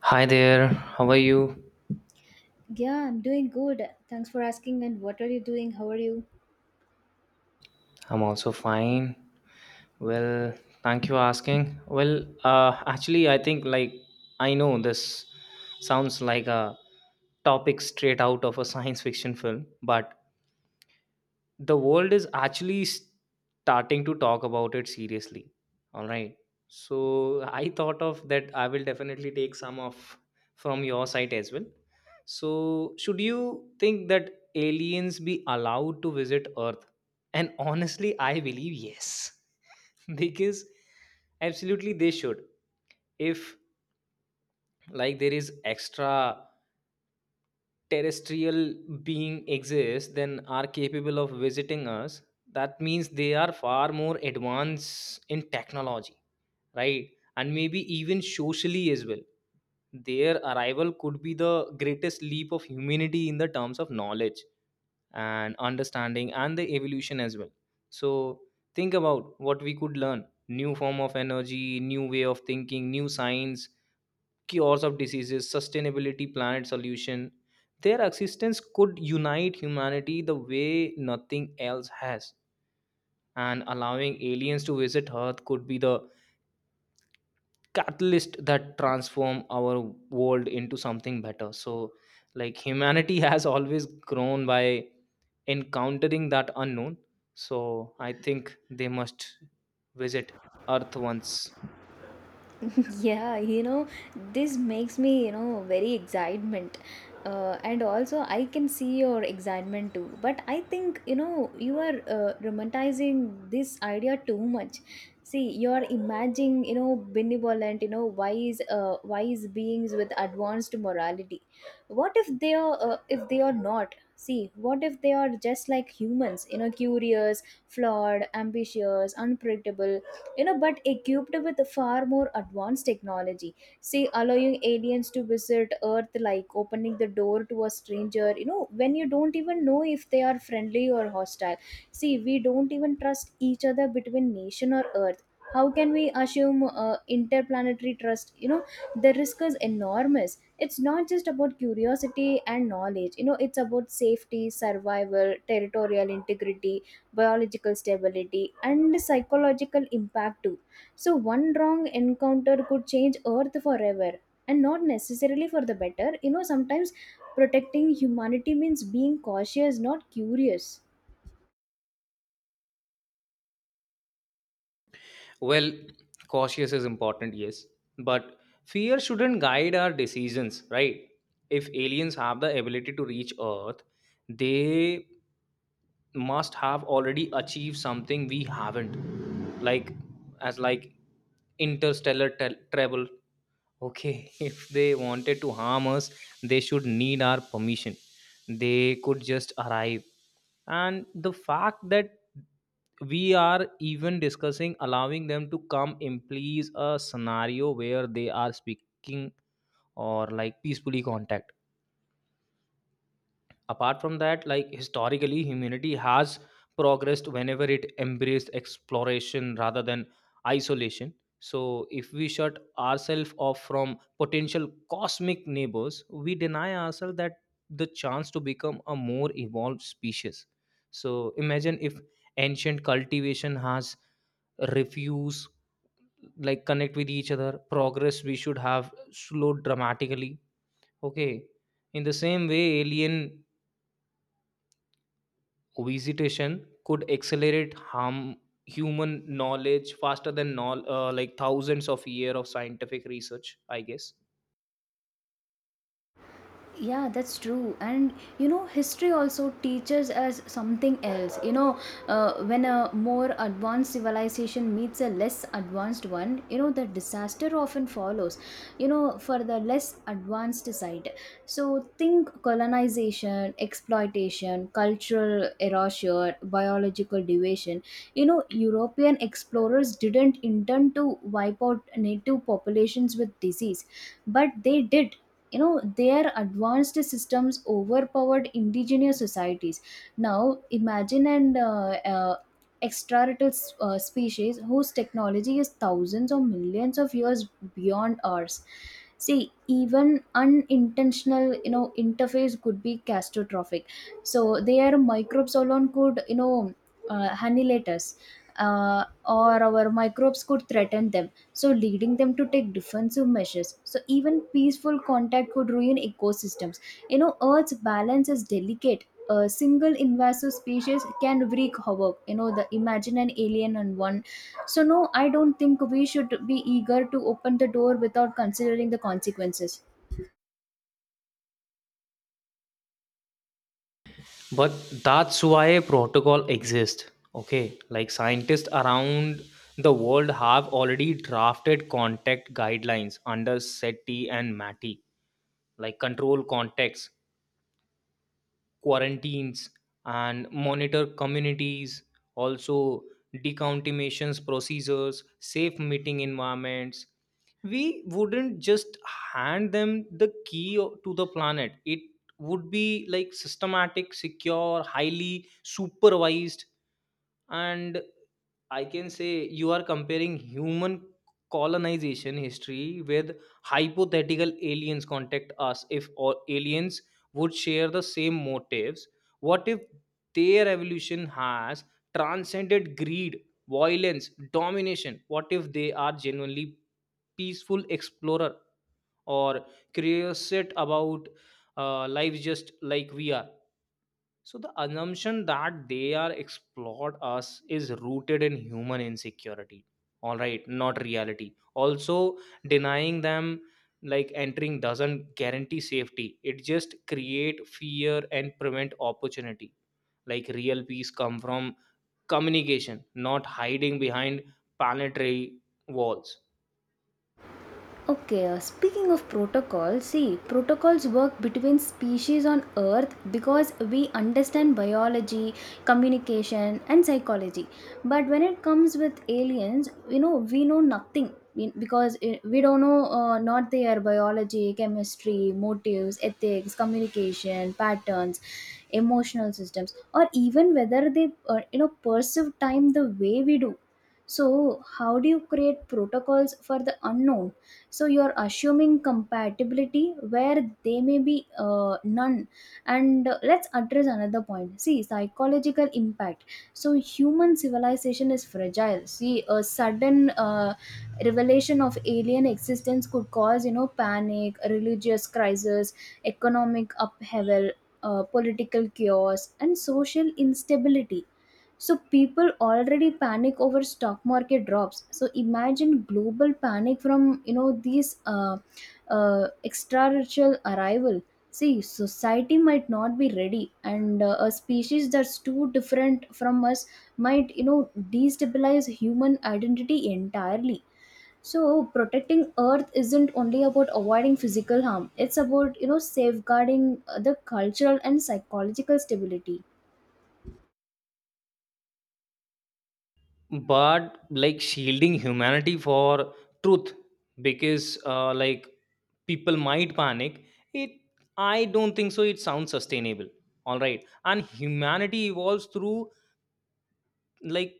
Hi there, how are you? Yeah, I'm doing good. Thanks for asking. And what are you doing? How are you? I'm also fine. Well, thank you asking. Well, actually, I think like I know this sounds like a topic straight out of a science fiction film, but the world is actually starting to talk about it seriously. All right, so I thought of that, I will definitely take some of from your site as well. So should you think that aliens be allowed to visit Earth? And honestly, I believe yes. Because absolutely they should. If like there is extra terrestrial being exists then are capable of visiting us, that means they are far more advanced in technology, right? And maybe even socially as well. Their arrival could be the greatest leap of humanity in the terms of knowledge and understanding and the evolution as well. So think about what we could learn: new form of energy, new way of thinking, new science, cures of diseases, sustainability, planet solution. Their existence could unite humanity the way nothing else has. And allowing aliens to visit Earth could be the catalyst that transform our world into something better. So, like humanity has always grown by encountering that unknown. So I think they must visit Earth once. Yeah. This makes me very excitement, and also I can see your excitement too, but I think you are romanticizing this idea too much. See, you're imagining, benevolent, wise, wise beings with advanced morality. What if they are not? See, what if they are just like humans, curious, flawed, ambitious, unpredictable, but equipped with far more advanced technology? See, allowing aliens to visit Earth, like opening the door to a stranger, when you don't even know if they are friendly or hostile. See, we don't even trust each other between nation or Earth. How can we assume interplanetary trust, you know? The risk is enormous. It's not just about curiosity and knowledge, it's about safety, survival, territorial integrity, biological stability, and psychological impact too. So, one wrong encounter could change Earth forever, and not necessarily for the better. You know, sometimes protecting humanity means being cautious, not curious. Well, cautious is important, yes, but fear shouldn't guide our decisions, right? If aliens have the ability to reach Earth, they must have already achieved something we haven't, like as like interstellar tel travel. Okay, if they wanted to harm us, they should need our permission. They could just arrive. And the fact that we are even discussing allowing them to come implies a scenario where they are speaking or like peacefully contact. Apart from that, like historically humanity has progressed whenever it embraced exploration rather than isolation. So if we shut ourselves off from potential cosmic neighbors, we deny ourselves that the chance to become a more evolved species. So imagine if ancient cultivation has refused like connect with each other, progress we should have slowed dramatically. Okay, in the same way, alien visitation could accelerate harm human knowledge faster than like thousands of years of scientific research, I guess. Yeah, that's true. And you know, history also teaches us something else. When a more advanced civilization meets a less advanced one, the disaster often follows, for the less advanced side. So think colonization, exploitation, cultural erasure, biological deviation. You know, European explorers didn't intend to wipe out native populations with disease, but they did. You know, their advanced systems overpowered indigenous societies. Now imagine an extraterrestrial species whose technology is thousands or millions of years beyond ours. See, even unintentional, interface could be catastrophic. So their microbes alone could, annihilate us, or our microbes could threaten them, so leading them to take defensive measures. So even peaceful contact could ruin ecosystems. You know, Earth's balance is delicate. A single invasive species can wreak havoc. You know the, imagine an alien and one. So no, I don't think we should be eager to open the door without considering the consequences. But that's why protocol exists. Okay, like scientists around the world have already drafted contact guidelines under seti and mati, like control contacts, quarantines, and monitor communities. Also decontaminations procedures, safe meeting environments. We wouldn't just hand them the key to the planet. It would be like systematic, secure, highly supervised. And I can say you are comparing human colonization history with hypothetical aliens contact us if all aliens would share the same motives. What if their evolution has transcended greed, violence, domination? What if they are genuinely peaceful explorer or curious about life just like we are? So the assumption that they are explored us is rooted in human insecurity. All right, not reality. Also, denying them like entering doesn't guarantee safety. It just create fear and prevent opportunity. Like real peace come from communication, not hiding behind planetary walls. Okay, speaking of protocols, see, protocols work between species on Earth because we understand biology, communication, and psychology. But when it comes with aliens, you know, we know nothing. Because we don't know, not their biology, chemistry, motives, ethics, communication, patterns, emotional systems, or even whether they, you know, perceive time the way we do. So, how do you create protocols for the unknown? So you're assuming compatibility where they may be none. And let's address another point. See, psychological impact. So human civilization is fragile. See, a sudden revelation of alien existence could cause, panic, religious crisis, economic upheaval, political chaos, and social instability. So people already panic over stock market drops. So imagine global panic from, you know, these extraterrestrial arrival. See, society might not be ready, and a species that's too different from us might, destabilize human identity entirely. So protecting Earth isn't only about avoiding physical harm; it's about, you know, safeguarding the cultural and psychological stability. But like shielding humanity for truth, because like people might panic it, I don't think so, it sounds sustainable. All right, and humanity evolves through like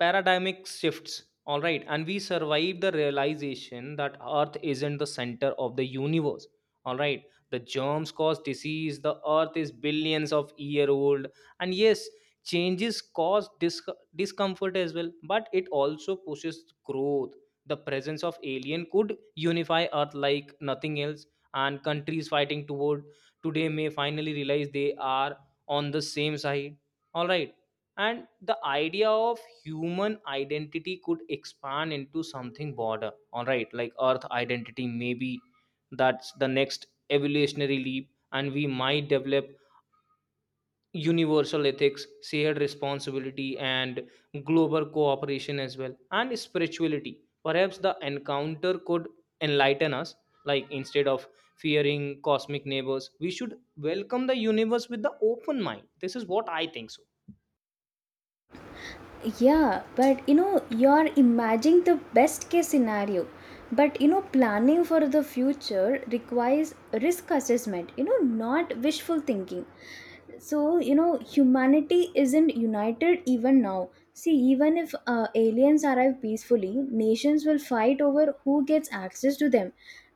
paradigmic shifts. All right, and we survive the realization that Earth isn't the center of the universe. All right, the germs cause disease, the Earth is billions of year old. And yes, changes cause discomfort as well, but it also pushes growth. The presence of alien could unify Earth like nothing else. And countries fighting toward today may finally realize they are on the same side. All right, and the idea of human identity could expand into something broader. All right, like Earth identity maybe. That's the next evolutionary leap, and we might develop universal ethics, shared responsibility, and global cooperation as well, and spirituality. Perhaps the encounter could enlighten us, like instead of fearing cosmic neighbors, we should welcome the universe with the open mind. This is what I think so. Yeah, but you know, you're imagining the best case scenario. But you know, planning for the future requires risk assessment, you know, not wishful thinking. So, you know, humanity isn't united even now. See, even if aliens arrive peacefully, nations will fight over who gets access to them,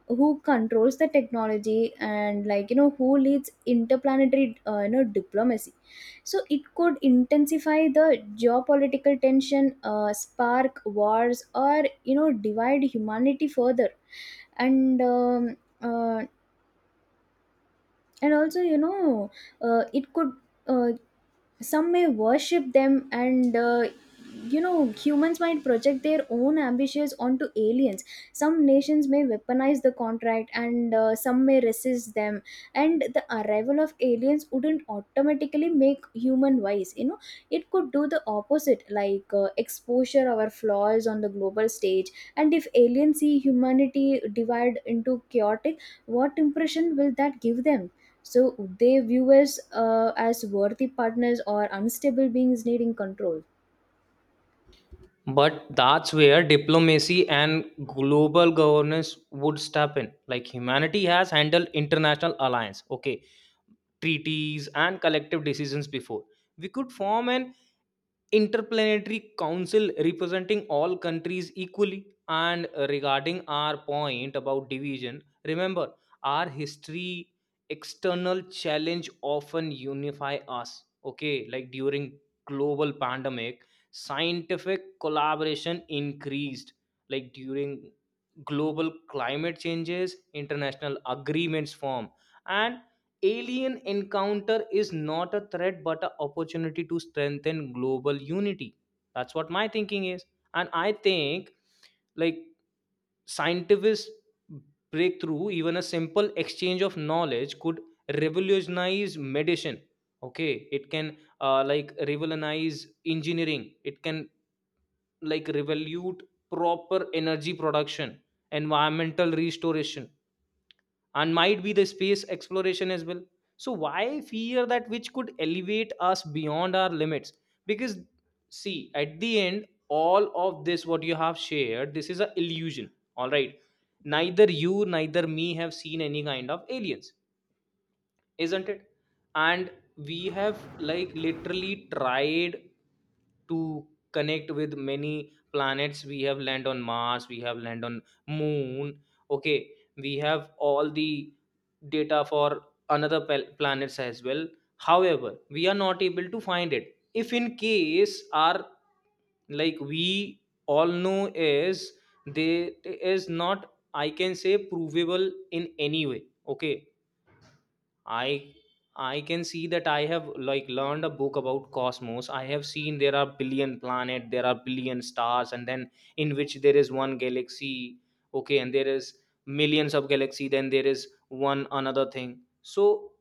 who controls the technology, and like, you know, who leads interplanetary, you know, diplomacy. So it could intensify the geopolitical tension, spark wars, or you know divide humanity further. And um, uh, and also you know it could. Uh, some may worship them, and you know humans might project their own ambitions onto aliens. Some nations may weaponize the contract, and some may resist them. And the arrival of aliens wouldn't automatically make human wise. You know, it could do the opposite, like exposure our flaws on the global stage. And if aliens see humanity divided into chaotic, what impression will that give them? So, they view us as worthy partners or unstable beings needing control. But that's where diplomacy and global governance would step in. Like humanity has handled international alliance, okay, treaties and collective decisions before. We could form an interplanetary council representing all countries equally. And regarding our point about division, remember our history: external challenge often unify us. Okay, like during global pandemic, scientific collaboration increased. Like during global climate changes, international agreements form. And alien encounter is not a threat but an opportunity to strengthen global unity. That's what my thinking is. And I think like scientific breakthrough, even a simple exchange of knowledge, could revolutionize medicine. Okay, it can like revolutionize engineering. It can like revolute proper energy production, environmental restoration, and might be the space exploration as well. So why fear that which could elevate us beyond our limits? Because see at the end, all of this what you have shared, this is a illusion. All right, neither you neither me have seen any kind of aliens, isn't it? And we have like literally tried to connect with many planets. We have land on Mars, we have land on moon. Okay, we have all the data for another planets as well. However, we are not able to find it. If in case our like we all know is they is not, I can say, provable in any way. Okay, I I can see that I have like learned a book about cosmos. I have seen there are billion planet, there are billion stars, and then in which there is one galaxy, okay, and there is millions of galaxy, then there is one another thing. So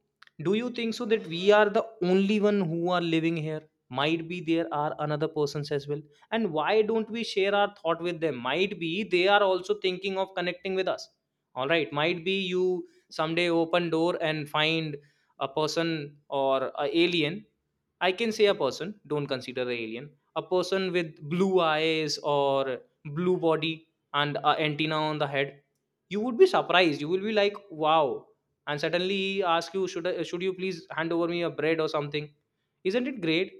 do you think so that we are the only one who are living here? Might be there are another persons as well. And why don't we share our thought with them? Might be they are also thinking of connecting with us. All right, might be you someday open door and find a person or a alien. I can say a person, don't consider the alien, a person with blue eyes or blue body and a antenna on the head. You would be surprised, you will be like wow. And suddenly he asks you, should you please hand over me a bread or something. Isn't it great?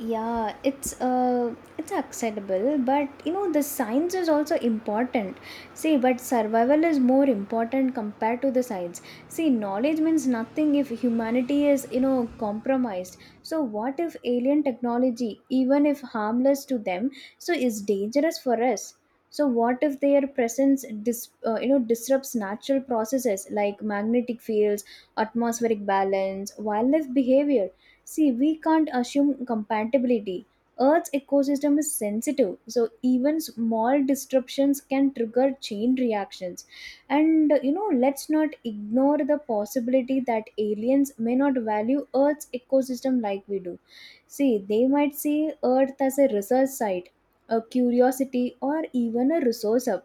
Yeah, it's acceptable, but you know the science is also important. See, but survival is more important compared to the science. See, knowledge means nothing if humanity is, you know, compromised. So what if alien technology, even if harmless to them, so is dangerous for us? So what if their presence you know disrupts natural processes like magnetic fields, atmospheric balance, wildlife behavior? See, we can't assume compatibility. Earth's ecosystem is sensitive, so even small disruptions can trigger chain reactions. And you know, let's not ignore the possibility that aliens may not value Earth's ecosystem like we do. See, they might see Earth as a research site, a curiosity, or even a resource hub.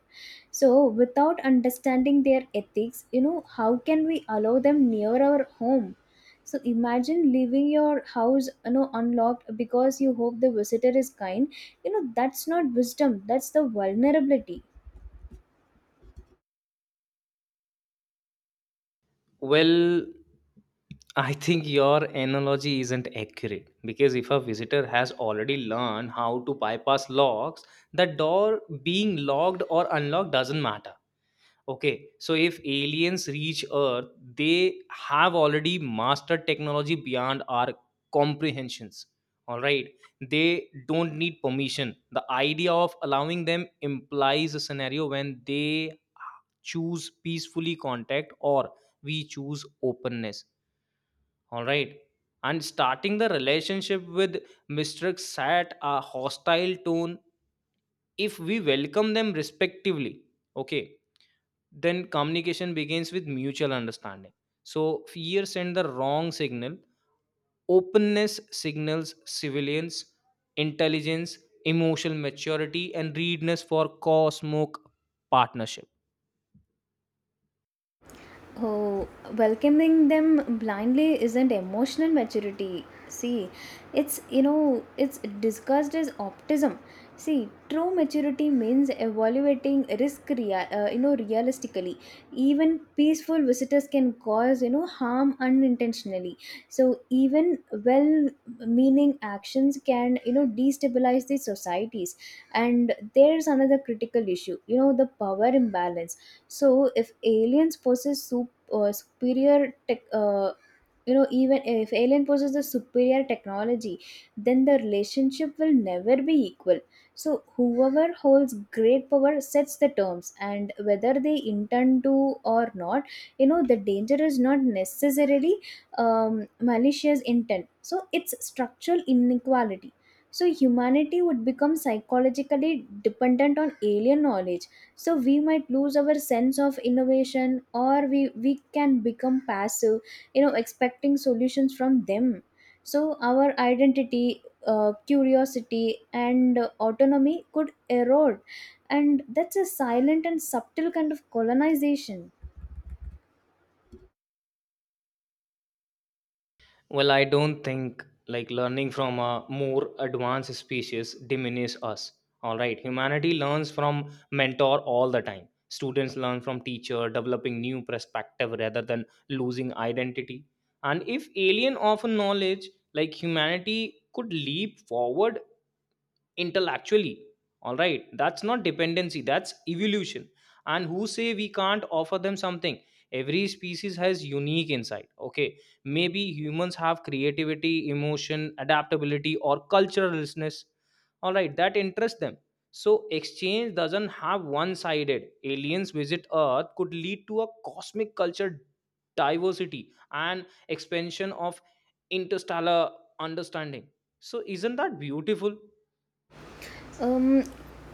So, without understanding their ethics, you know, how can we allow them near our home? So imagine leaving your house, you know, unlocked because you hope the visitor is kind. You know that's not wisdom, that's the vulnerability. Well, I think your analogy isn't accurate because if a visitor has already learned how to bypass locks, the door being locked or unlocked doesn't matter. Okay, so if aliens reach Earth, they have already mastered technology beyond our comprehensions. All right, they don't need permission. The idea of allowing them implies a scenario when they choose peacefully contact or we choose openness. All right, and starting the relationship with Mr. set a hostile tone if we welcome them respectively. Okay, then communication begins with mutual understanding. So fear sends the wrong signal, openness signals civilians, intelligence, emotional maturity, and readiness for cosmic partnership. Oh, welcoming them blindly isn't emotional maturity. See, it's, you know, it's discussed as optimism. See, true maturity means evaluating risk, you know, realistically. Even peaceful visitors can cause, you know, harm unintentionally. So even well-meaning actions can, you know, destabilize the societies. And there's another critical issue. You know, the power imbalance. So if aliens possess superior tech, you know, even if alien possesses the superior technology, then the relationship will never be equal. So whoever holds great power sets the terms, and whether they intend to or not, you know, the danger is not necessarily malicious intent, so it's structural inequality. So humanity would become psychologically dependent on alien knowledge. So we might lose our sense of innovation, or we can become passive, you know, expecting solutions from them. So our identity, curiosity, and autonomy could erode, and that's a silent and subtle kind of colonization. Well, I don't think like learning from a more advanced species diminish us. All right, humanity learns from mentor all the time. Students learn from teacher, developing new perspective rather than losing identity. And if alien often knowledge, like humanity could leap forward intellectually. All right, that's not dependency, that's evolution. And who say we can't offer them something? Every species has unique insight. Okay, maybe humans have creativity, emotion, adaptability, or culturalness. All right, that interests them. So exchange doesn't have one sided. Aliens visit Earth could lead to a cosmic culture diversity and expansion of interstellar understanding. So isn't that beautiful? Um,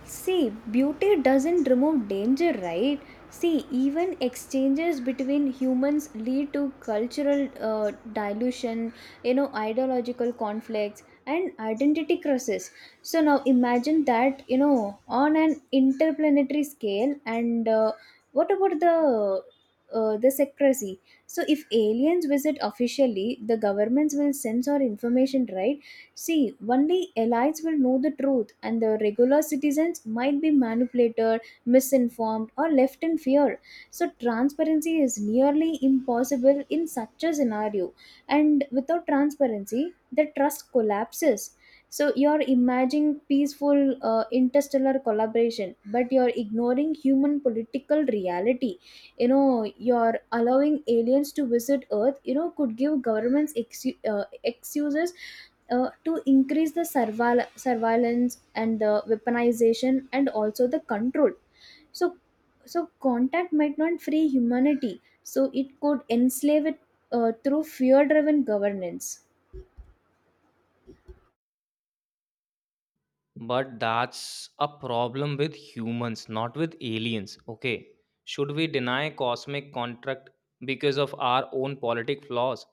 see, beauty doesn't remove danger, right? See, even exchanges between humans lead to cultural dilution, you know, ideological conflicts, and identity crisis. So now imagine that, you know, on an interplanetary scale. And what about the secrecy? So if aliens visit officially, the governments will censor information, right? See, only elites will know the truth, and the regular citizens might be manipulated, misinformed, or left in fear. So, transparency is nearly impossible in such a scenario. And without transparency, the trust collapses. So, you're imagining peaceful interstellar collaboration, but you're ignoring human political reality. You know, you're allowing aliens to visit Earth, you know, could give governments excuses to increase the surveillance and the weaponization and also the control. So so contact might not free humanity, so it could enslave it through fear driven governance. But that's a problem with humans, not with aliens. Okay. Should we deny cosmic contract because of our own politic flaws?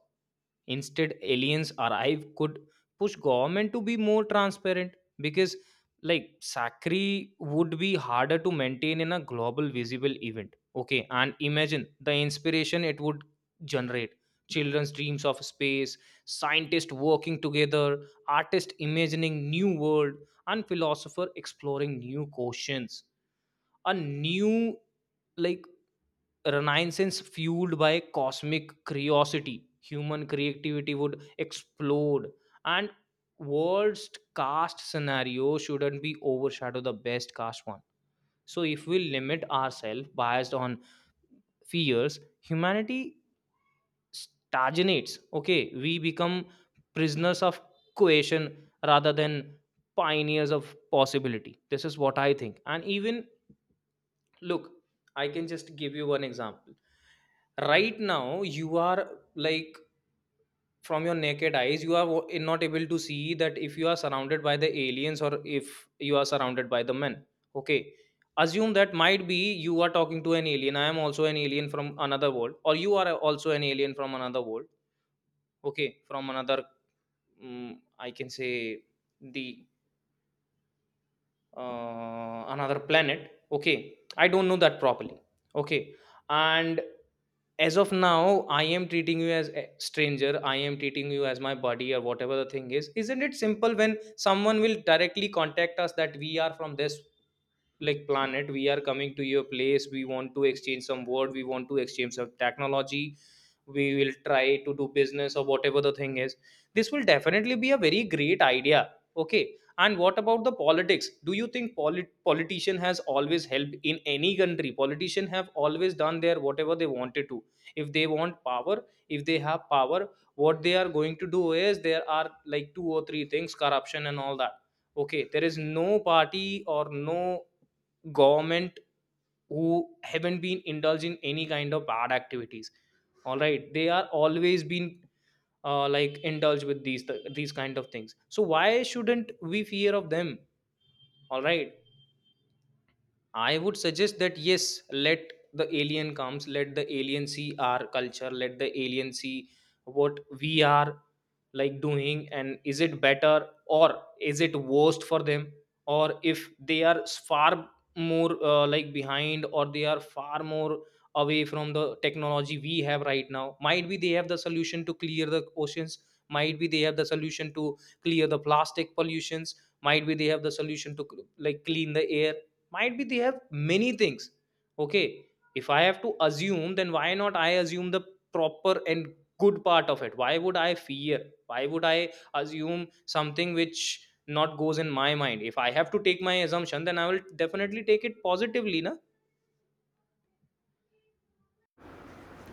Instead, aliens arrive could push government to be more transparent because like sacri would be harder to maintain in a global visible event. Okay, and imagine the inspiration it would generate. Children's dreams of space, scientists working together, artists imagining new world and philosopher exploring new questions, a new like renaissance fueled by cosmic curiosity. Human creativity would explode. And worst cast scenario shouldn't be overshadow the best cast one. So if we limit ourselves biased on fears, humanity stagnates. Okay, we become prisoners of coercion rather than pioneers of possibility. This is what I think. And even look, I can just give you one example. Right now, you are like from your naked eyes you are not able to see that if you are surrounded by the aliens or if you are surrounded by the men. Okay, assume that might be you are talking to an alien. I am also an alien from another world or you are also an alien from another world. Okay, from another I can say the another planet. Okay, I don't know that properly. Okay, and as of now, I am treating you as a stranger. I am treating you as my buddy or whatever the thing is. Isn't it simple? When someone will directly contact us that, "We are from this like planet, we are coming to your place, we want to exchange some word, we want to exchange some technology, we will try to do business," or whatever the thing is, this will definitely be a very great idea. Okay, and what about the politics? Do you think politician has always helped in any country? Politician have always done their whatever they wanted to. If they want power, if they have power, what they are going to do is there are like 2 or 3 things: corruption and all that. Okay, there is no party or no government who haven't been indulged in any kind of bad activities. All right, they are always been like indulged with these kind of things, so why shouldn't we fear of them? All right, I would suggest that yes, let the alien comes, let the alien see our culture, let the alien see what we are like doing, and is it better or is it worst for them? Or if they are far more like behind, or they are far more away from the technology we have right now, might be they have the solution to clear the oceans, might be they have the solution to clear the plastic pollutions, might be they have the solution to like clean the air, might be they have many things. Okay, if I have to assume, then why not I assume the proper and good part of it? Why would I fear? Why would I assume something which not goes in my mind? If I have to take my assumption, then I will definitely take it positively na.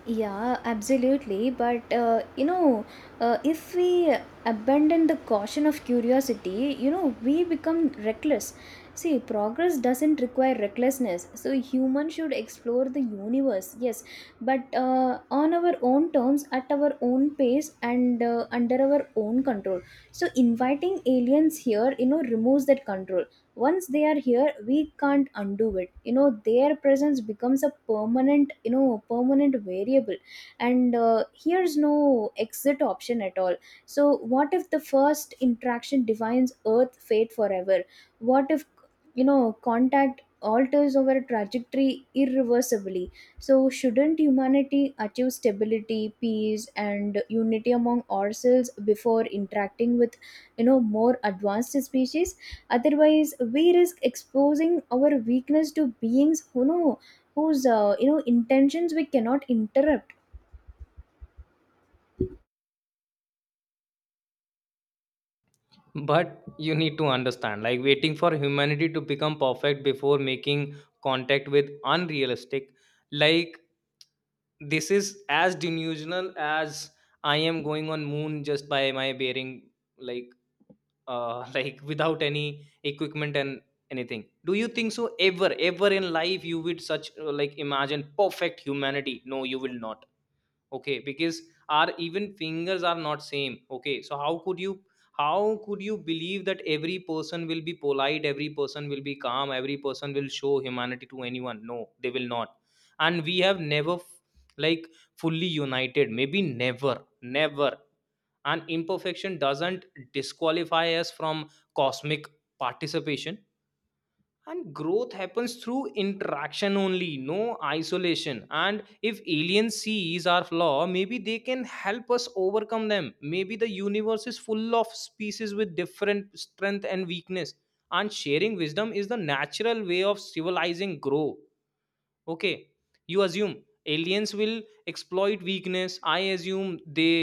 Yeah, absolutely. But you know, if we abandon the caution of curiosity, you know, we become reckless. See, progress doesn't require recklessness. So, humans should explore the universe, yes, but on our own terms, at our own pace, and under our own control. So, inviting aliens here, you know, removes that control. Once they are here, we can't undo it. You know, their presence becomes a permanent, you know, permanent variable. And here's no exit option at all. So what if the first interaction defines earth fate forever? What if, you know, contact alters our trajectory irreversibly? So shouldn't humanity achieve stability, peace, and unity among ourselves before interacting with, you know, more advanced species? Otherwise, we risk exposing our weakness to beings who know, whose you know intentions we cannot interrupt. But you need to understand, like waiting for humanity to become perfect before making contact with unrealistic, like this is as delusional as I am going on moon just by my bearing, like like without any equipment and anything. Do you think so ever, ever in life you would such like imagine perfect humanity? No, you will not. Okay, because our even fingers are not same. Okay, so how could you, how could you believe that every person will be polite, every person will be calm, every person will show humanity to anyone? No, they will not. And we have never f- like fully united, maybe never, never. And imperfection doesn't disqualify us from cosmic participation. And growth happens through interaction only, no isolation. And if alien sees our flaw, maybe they can help us overcome them. Maybe the universe is full of species with different strength and weakness, and sharing wisdom is the natural way of civilizing grow. Okay, you assume aliens will exploit weakness, I assume they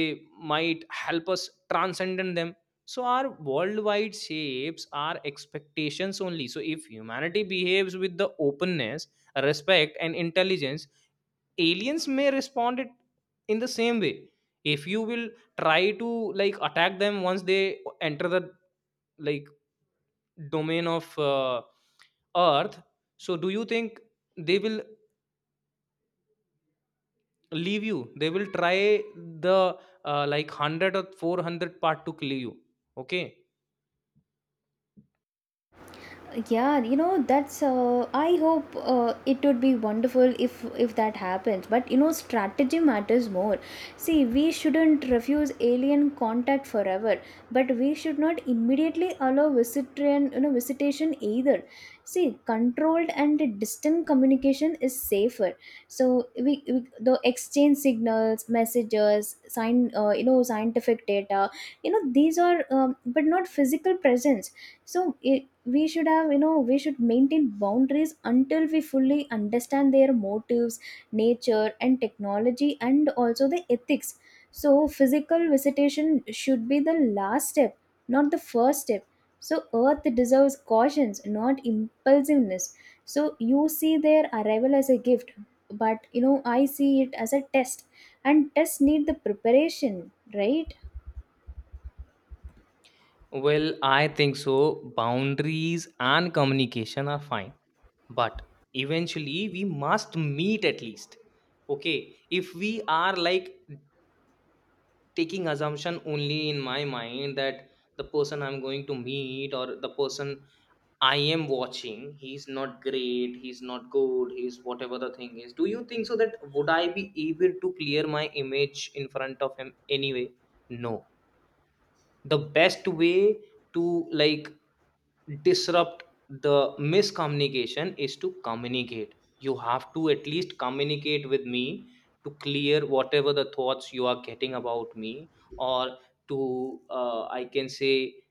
might help us transcendent them. So our worldwide shapes our expectations only. So if humanity behaves with the openness, respect and intelligence, aliens may respond it in the same way. If you will try to like attack them once they enter the like domain of earth, so do you think they will leave you? They will try the like 100 or 400 part to kill you. Okay. Yeah, you know that's I hope it would be wonderful if that happens, but you know strategy matters more. See, we shouldn't refuse alien contact forever, but we should not immediately allow visitation, you know, visitation either. See, controlled and distant communication is safer. So we the exchange signals, messages, sign, you know, scientific data. You know, these are but not physical presence. So I We should have, you know, we should maintain boundaries until we fully understand their motives, nature, and technology, and also the ethics. So physical visitation should be the last step, not the first step. So Earth deserves cautions, not impulsiveness. So you see their arrival as a gift, but you know I see it as a test, and tests need the preparation, right? Well, I think so. Boundaries and communication are fine, but eventually we must meet at least. Okay, if we are like taking assumption only in my mind that the person I'm going to meet, or the person I am watching, he's not great, he's not good, he's whatever the thing is, do you think so that would I be able to clear my image in front of him anyway? No. The best way to like disrupt the miscommunication is to communicate. You have to at least communicate with me to clear whatever the thoughts you are getting about me, or to I can say,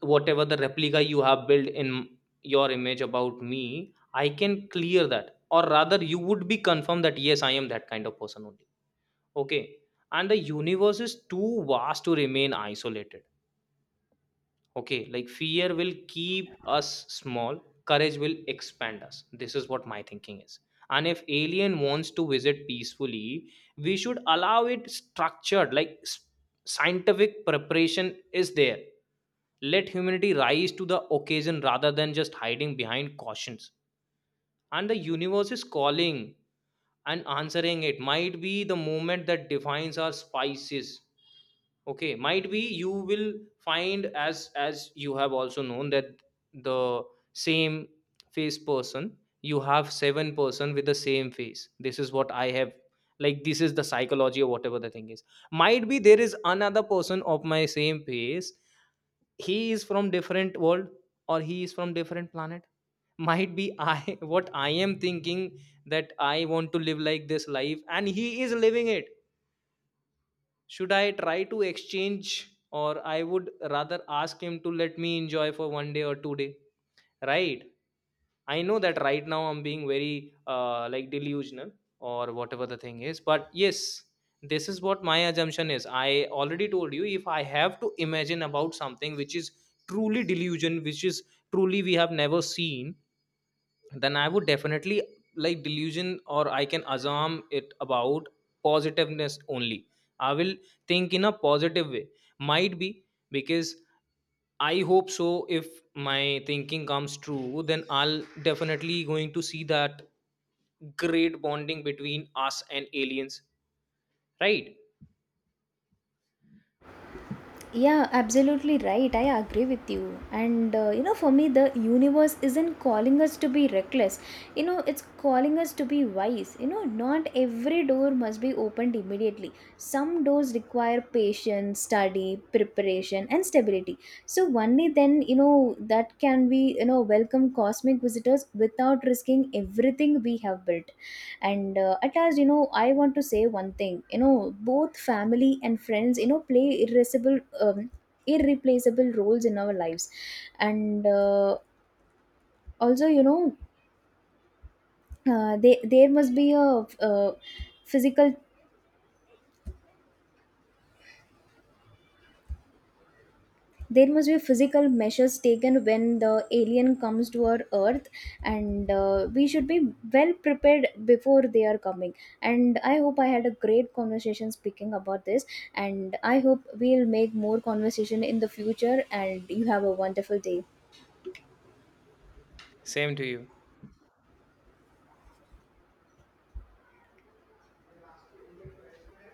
whatever the replica you have built in your image about me, I can clear that, or rather you would be confirmed that yes, I am that kind of person only. Okay, and the universe is too vast to remain isolated. Okay, like fear will keep us small, courage will expand us. This is what my thinking is. And if alien wants to visit peacefully, we should allow it structured, like scientific preparation is there. Let humanity rise to the occasion rather than just hiding behind cautions. And the universe is calling, and answering it might be the moment that defines our spices. Okay, might be you will find, as you have also known that the same face person, you have 7 person with the same face. This is what I have, like this is the psychology or whatever the thing is. Might be there is another person of my same face, he is from different world or he is from different planet. Might be I what I am thinking, that I want to live like this life and he is living it. Should I try to exchange, or I would rather ask him to let me enjoy for 1 day or 2 day, right? I know that right now I'm being very like delusional or whatever the thing is, but yes, this is what my assumption is. I already told you, if I have to imagine about something which is truly delusion, which is truly we have never seen, then I would definitely like delusion, or I can assume it about positiveness only. I will think in a positive way. Might be because I hope so. If my thinking comes true, then I'll definitely going to see that great bonding between us and aliens, right? Yeah, absolutely right. I agree with you. And you know, for me, the universe isn't calling us to be reckless. You know, it's calling us to be wise. You know, not every door must be opened immediately. Some doors require patience, study, preparation, and stability. So only then, you know, that can we, you know, welcome cosmic visitors without risking everything we have built. And at last, you know, I want to say one thing. You know, both family and friends, you know, play irreplaceable irreplaceable roles in our lives. And also you know they there must be a uh, physical there must be physical measures taken when the alien comes to our earth. And we should be well prepared before they are coming. And I hope I had a great conversation speaking about this, and I hope we'll make more conversation in the future. And you have a wonderful day. Same to you.